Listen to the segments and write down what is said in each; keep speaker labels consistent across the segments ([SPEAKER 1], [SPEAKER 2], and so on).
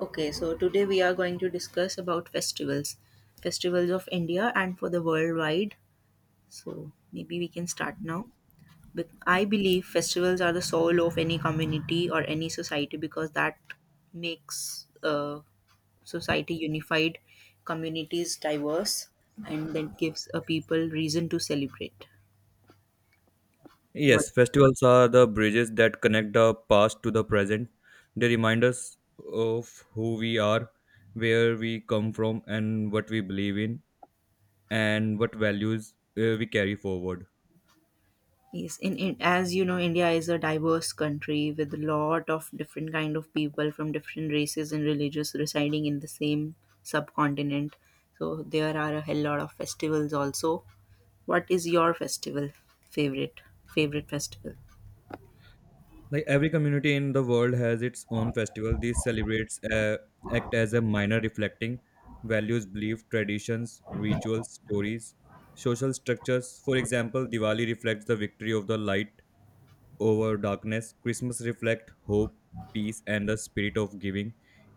[SPEAKER 1] Okay, so today we are going to discuss about festivals, festivals of India and for the worldwide. So maybe we can start now. But I believe festivals are the soul of any community or any society because that makes society unified, communities diverse, and that gives a people reason to celebrate. What?
[SPEAKER 2] Yes, festivals are the bridges that connect the past to the present. They remind us of who we are, where we come from, and what we believe in, and what values we carry forward.
[SPEAKER 1] Yes, in as you know, India is a diverse country with a lot of different kind of people from different races and religions residing in the same subcontinent. So there are a hell lot of festivals also. What is your festival favorite? Favorite festival?
[SPEAKER 2] Like every community in the world has its own festival. These celebrates act as a minor reflecting values, belief, traditions, rituals, stories, social structures. For example, Diwali reflects the victory of the light over darkness. Christmas reflects hope, peace, and the spirit of giving.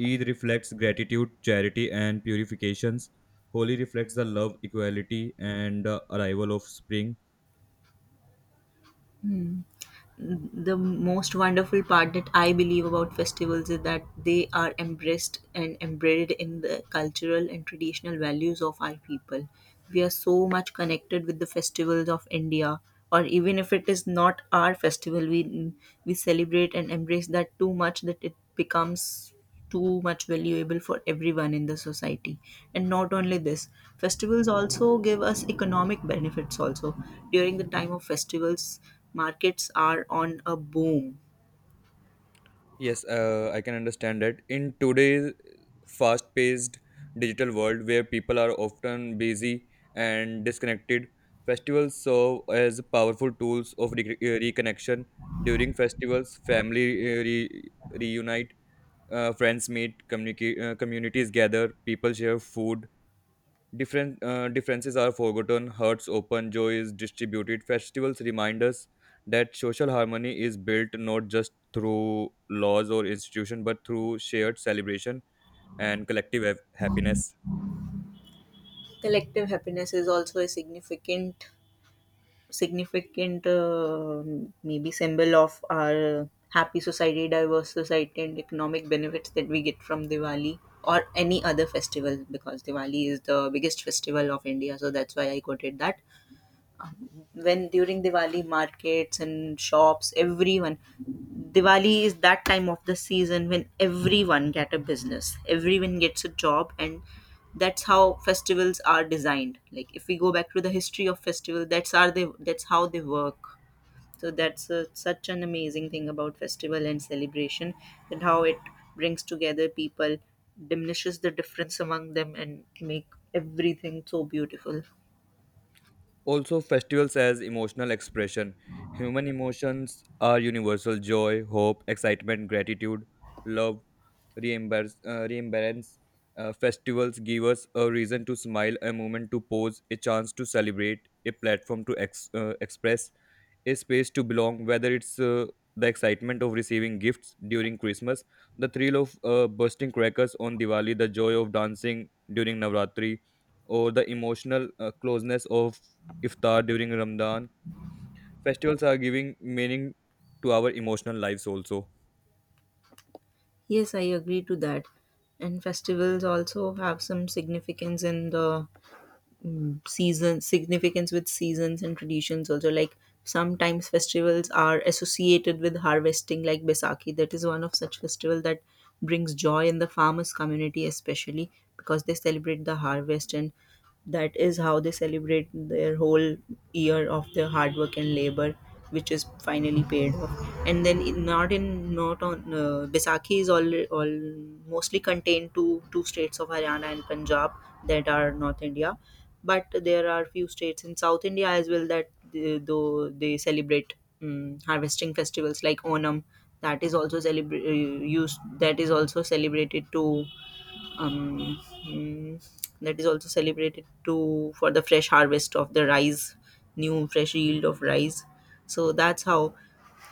[SPEAKER 2] Eid reflects gratitude, charity, and purifications. Holi reflects the love, equality, and the arrival of spring.
[SPEAKER 1] The most wonderful part that I believe about festivals is that they are embraced and embedded in the cultural and traditional values of our people. We are so much connected with the festivals of India, or even if it is not our festival, we celebrate and embrace that too much that it becomes too much valuable for everyone in the society, and not only this, festivals also give us economic benefits also. During the time of festivals, markets are on a boom.
[SPEAKER 2] Yes, I can understand that. In today's fast paced digital world where people are often busy and disconnected, festivals serve as powerful tools of reconnection. During festivals, family reunite, friends meet, communities gather, people share food, different differences are forgotten, hearts open, joy is distributed. Festivals remind us that social harmony is built not just through laws or institution but through shared celebration and collective happiness.
[SPEAKER 1] Collective happiness is also a significant significant maybe symbol of our happy society, diverse society, and economic benefits that we get from Diwali or any other festival, because Diwali is the biggest festival of India, so that's why I quoted that. When during Diwali, markets and shops, everyone, Diwali is that time of the season when everyone get a business, everyone gets a job, and that's how festivals are designed. Like if we go back to the history of festival, that's how they work. So that's a, such an amazing thing about festival and celebration, and how it brings together people, diminishes the difference among them, and make everything so beautiful.
[SPEAKER 2] Also, festivals as emotional expression. Human emotions are universal: joy, hope, excitement, gratitude, love, reimbalance. Festivals give us a reason to smile, a moment to pause, a chance to celebrate, a platform to express, a space to belong, whether it's the excitement of receiving gifts during Christmas, the thrill of bursting crackers on Diwali, the joy of dancing during Navratri, or the emotional closeness of iftar during Ramadan. Festivals are giving meaning to our emotional lives also.
[SPEAKER 1] Yes, I agree to that. And festivals also have some significance in the season, significance with seasons and traditions also, like sometimes festivals are associated with harvesting, like Besaki. That is one of such festival that brings joy in the farmers community especially, because they celebrate the harvest and that is how they celebrate their whole year of their hard work and labor, which is finally paid off. And then in not on Baisakhi is all mostly contained to two states of Haryana and Punjab, that are North India, but there are few states in South India as well that they, though they celebrate harvesting festivals like Onam. That is also celebra- used that is also um, mm, that is also celebrated to for the fresh harvest of the rice, new fresh yield of rice. So that's how,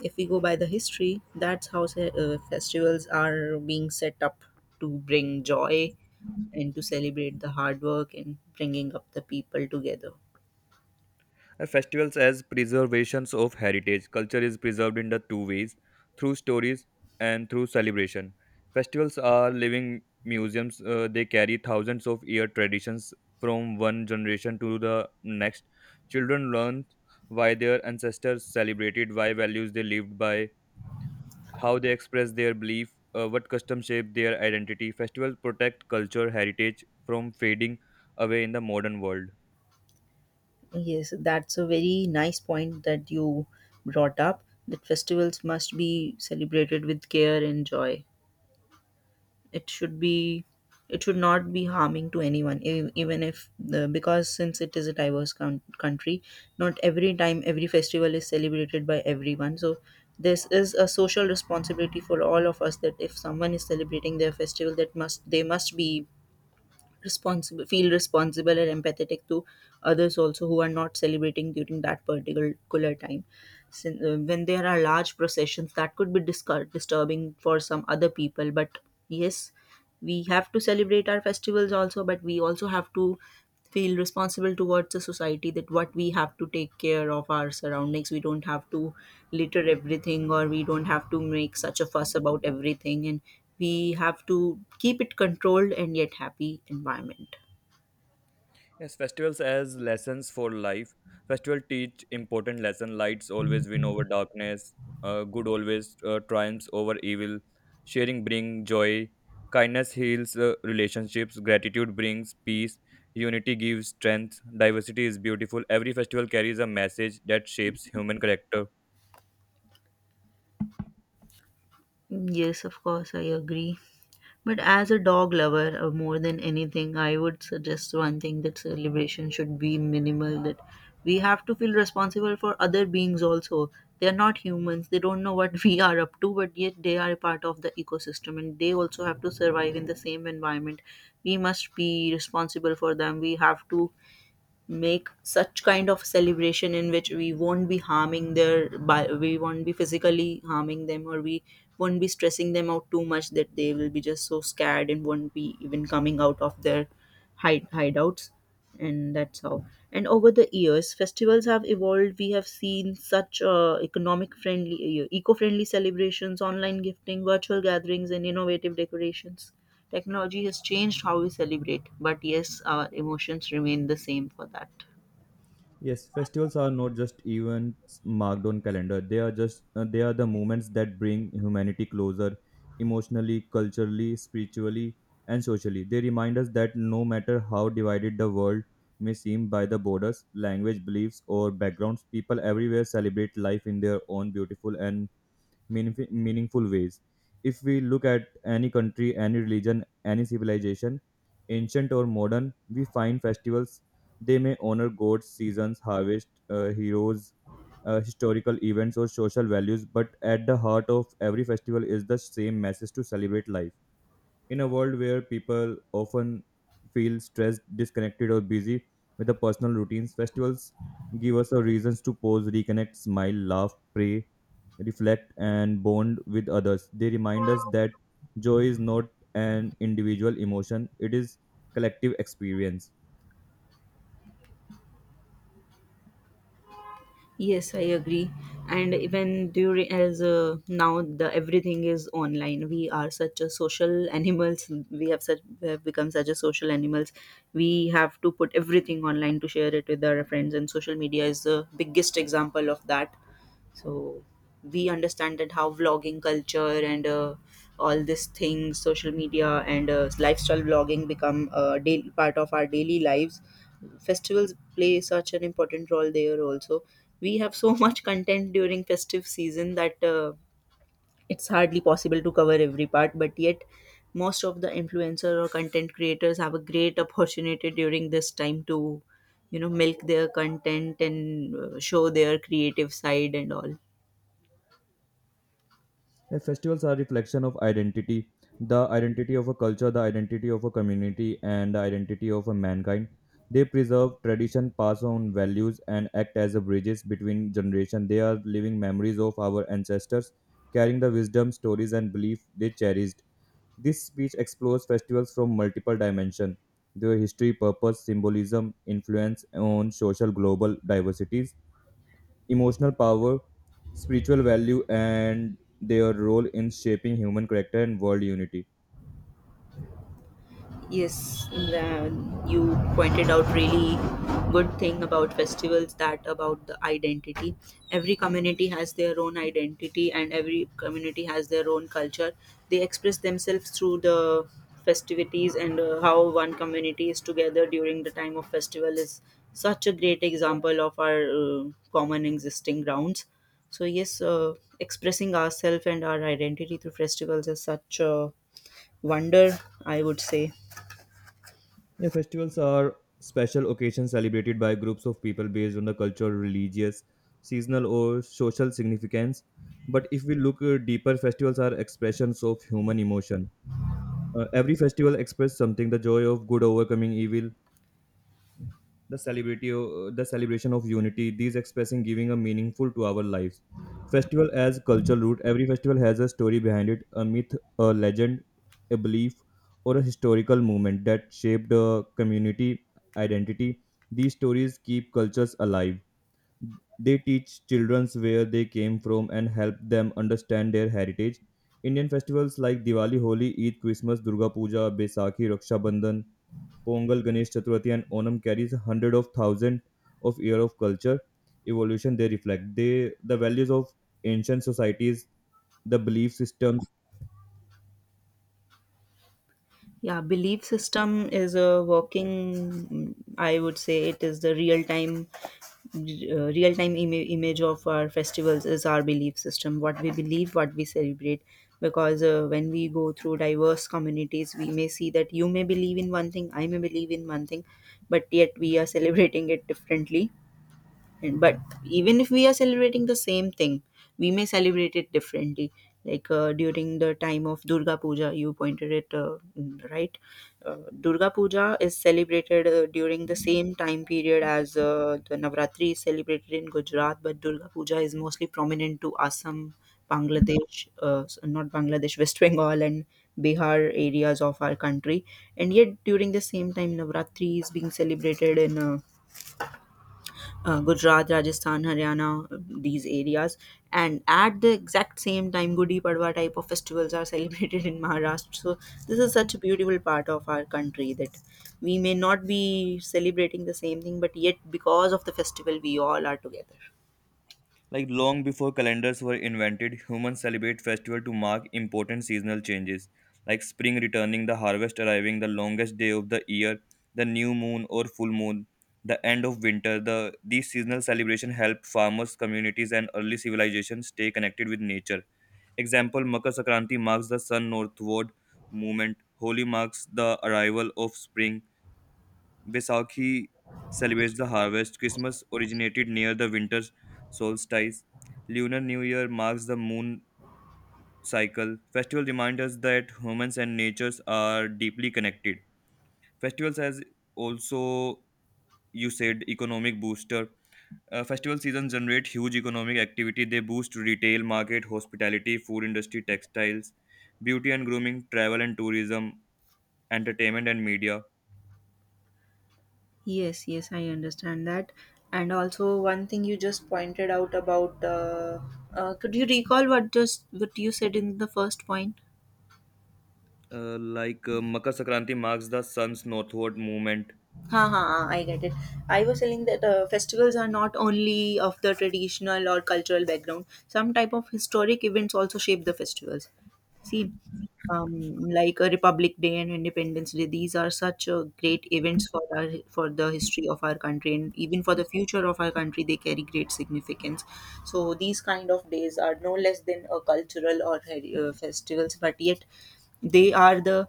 [SPEAKER 1] if we go by the history, that's how festivals are being set up, to bring joy and to celebrate the hard work and bringing up the people together.
[SPEAKER 2] Festivals as preservations of heritage. Culture is preserved in the two ways: through stories and through celebration. Festivals are living museums, they carry thousands of year traditions from one generation to the next. Children learn why their ancestors celebrated, why values they lived by, how they express their belief, what customs shape their identity. Festivals protect culture heritage from fading away in the modern world.
[SPEAKER 1] Yes, that's a very nice point that you brought up, that festivals must be celebrated with care and joy. It should be, it should not be harming to anyone, even if the, because since it is a diverse country, not every time every festival is celebrated by everyone. So this is a social responsibility for all of us, that if someone is celebrating their festival, that must they must be responsible, feel responsible and empathetic to others also, who are not celebrating during that particular time. When there are large processions, that could be disturbing for some other people, but yes, we have to celebrate our festivals also, but we also have to feel responsible towards the society, that what we have to take care of our surroundings. We don't have to litter everything, or we don't have to make such a fuss about everything, and we have to keep it controlled and yet happy environment.
[SPEAKER 2] Yes, festivals as lessons for life. Festival teach important lesson. Lights always win over darkness. Good always triumphs over evil. Sharing bring joy. Kindness heals relationships. Gratitude brings peace. Unity gives strength. Diversity is beautiful. Every festival carries a message that shapes human character.
[SPEAKER 1] Yes, of course, I agree. But as a dog lover, more than anything, I would suggest one thing, that celebration should be minimal. That we have to feel responsible for other beings also. They are not humans. They don't know what we are up to, but yet they are a part of the ecosystem and they also have to survive in the same environment. We must be responsible for them. We have to make such kind of celebration in which we won't be harming their by, we won't be physically harming them, or we won't be stressing them out too much that they will be just so scared and won't be even coming out of their hideouts. And that's how, and over the years festivals have evolved, we have seen such economic friendly eco-friendly celebrations, online gifting, virtual gatherings, and innovative decorations. Technology has changed how we celebrate, but yes, our emotions remain the same for that.
[SPEAKER 2] Yes, festivals are not just events marked on calendar. They are just they are the moments that bring humanity closer emotionally, culturally, spiritually, and socially. They remind us that no matter how divided the world may seem by the borders, language, beliefs, or backgrounds, people everywhere celebrate life in their own beautiful and meaningful ways. If we look at any country, any religion, any civilization, ancient or modern, we find festivals. They may honor gods, seasons, harvest, heroes, historical events, or social values, but at the heart of every festival is the same message to celebrate life. In a world where people often feel stressed, disconnected, or busy with their personal routines, festivals give us a reasons to pause, reconnect, smile, laugh, pray, reflect, and bond with others. They remind us that joy is not an individual emotion; it is collective experience.
[SPEAKER 1] Yes, I agree. And even during, as now the everything is online. We are such a social animals. We have become such a social animals. We have to put everything online to share it with our friends, and social media is the biggest example of that. So we understand that how vlogging culture and all these things, social media and lifestyle vlogging become a daily part of our daily lives. Festivals play such an important role there also. We have so much content during festive season that it's hardly possible to cover every part, but yet most of the influencer or content creators have a great opportunity during this time to, you know, milk their content and show their creative side and all.
[SPEAKER 2] And festivals are reflection of identity, the identity of a culture, the identity of a community, and the identity of a mankind. They preserve tradition, pass on values, and act as a bridges between generations. They are living memories of our ancestors, carrying the wisdom, stories, and belief they cherished. This speech explores festivals from multiple dimensions: their history, purpose, symbolism, influence on social global diversities, emotional power, spiritual value, and their role in shaping human character and world unity.
[SPEAKER 1] Yes, the, you pointed out really good thing about festivals, that about the identity. Every community has their own identity and every community has their own culture. They express themselves through the festivities, and how one community is together during the time of festival is such a great example of our common existing grounds. So yes, expressing ourselves and our identity through festivals is such a wonder, I would say.
[SPEAKER 2] Yeah, festivals are special occasions celebrated by groups of people based on the cultural, religious, seasonal, or social significance. But if we look deeper, festivals are expressions of human emotion. Every festival expresses something: the joy of good overcoming evil, the celebrity the celebration of unity, these expressing giving a meaningful to our lives. Festival as cultural root: every festival has a story behind it, a myth, a legend, a belief, or a historical movement that shaped a community identity. These stories keep cultures alive. They teach children where they came from and help them understand their heritage. Indian festivals like Diwali, Holi, Eid, Christmas, Durga Puja, Baisakhi, Raksha Bandhan, Pongal, Ganesh Chaturthi, and Onam carries hundreds of thousands of years of culture evolution they reflect. They the values of ancient societies, the belief systems.
[SPEAKER 1] Yeah, belief system is a working. I would say it is the real time image of our festivals is our belief system. What we believe, what we celebrate, because when we go through diverse communities, we may see that you may believe in one thing, I may believe in one thing, but yet we are celebrating it differently. And, but even if we are celebrating the same thing, we may celebrate it differently, like during the time of Durga Puja, you pointed it, right. Durga Puja is celebrated during the same time period as the Navratri is celebrated in Gujarat, but Durga Puja is mostly prominent to Assam, Bangladesh, not Bangladesh, West Bengal and Bihar areas of our country. And yet during the same time Navratri is being celebrated in Gujarat, Rajasthan, Haryana, these areas. And at the exact same time, Gudi Padwa type of festivals are celebrated in Maharashtra. So this is such a beautiful part of our country, that we may not be celebrating the same thing, but yet because of the festival, we all are together.
[SPEAKER 2] Like long before calendars were invented, humans celebrate festival to mark important seasonal changes, like spring returning, the harvest arriving, the longest day of the year, the new moon or full moon, the end of winter. These seasonal celebration help farmers, communities, and early civilizations stay connected with nature. Example: Makar Sakranti marks the sun northward movement, Holi marks the arrival of spring, Vaisakhi celebrates the harvest, Christmas originated near the winter solstice, Lunar New Year marks the moon cycle. Festival remind us that humans and natures are deeply connected. Festivals as also you said economic booster. Festival seasons generate huge economic activity. They boost retail market, hospitality, food industry, textiles, beauty and grooming, travel and tourism, entertainment and media.
[SPEAKER 1] Yes, yes, I understand that. And also, one thing you just pointed out about could you recall what just what you said in the first point?
[SPEAKER 2] Like Makar Sakranti marks the sun's northward movement.
[SPEAKER 1] Ha ha, ha, I get it. I was telling that festivals are not only of the traditional or cultural background. Some type of historic events also shape the festivals. See, like a Republic Day and Independence Day, these are such great events for our, for the history of our country and even for the future of our country. They carry great significance. So these kind of days are no less than a cultural or festivals, but yet they are the,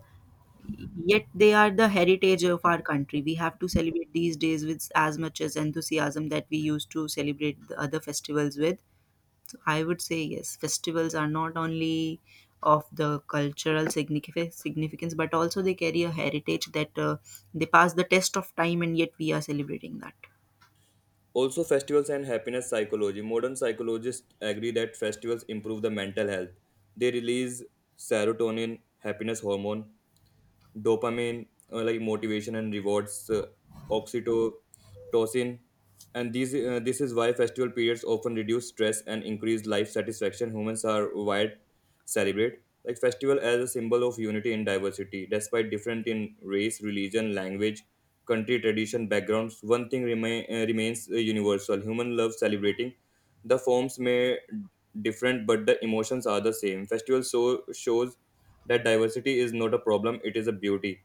[SPEAKER 1] yet they are the heritage of our country. We have to celebrate these days with as much as enthusiasm that we used to celebrate the other festivals with. So I would say yes, festivals are not only of the cultural significance, but also they carry a heritage that they pass the test of time, and yet we are celebrating that.
[SPEAKER 2] Also, festivals and happiness psychology. Modern psychologists agree that festivals improve the mental health. They release serotonin, happiness hormone, dopamine, like motivation and rewards, oxytocin, and these this is why festival periods often reduce stress and increase life satisfaction. Humans are wired to celebrate, like festival as a symbol of unity in diversity, despite different in race, religion, language, country, tradition, backgrounds. One thing remains universal: human love celebrating. The forms may different, but the emotions are the same. Festival so shows that diversity is not a problem; it is a beauty.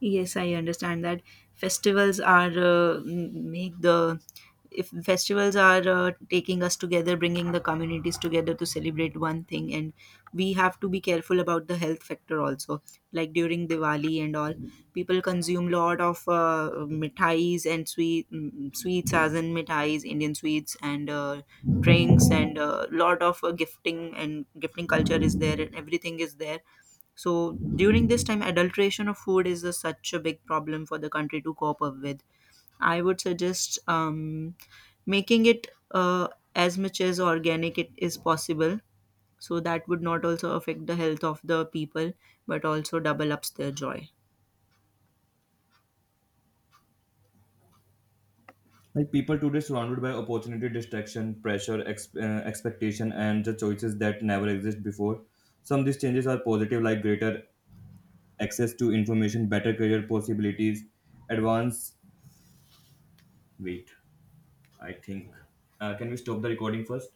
[SPEAKER 1] Yes, I understand that festivals are make the, if festivals are taking us together, bringing the communities together to celebrate one thing, and we have to be careful about the health factor also. Like during Diwali and all, people consume lot of mithais and sweets, as in mithais, Indian sweets, and drinks, and lot of gifting and gifting culture is there and everything is there. So during this time, adulteration of food is a, such a big problem for the country to cope up with. I would suggest making it as much as organic it is possible. So that would not also affect the health of the people, but also double ups their joy.
[SPEAKER 2] Like people today surrounded by opportunity, distraction, pressure, expectation, and the choices that never exist before. Some of these changes are positive, like greater access to information, better career possibilities, advance. Wait, I think. Can we stop the recording first?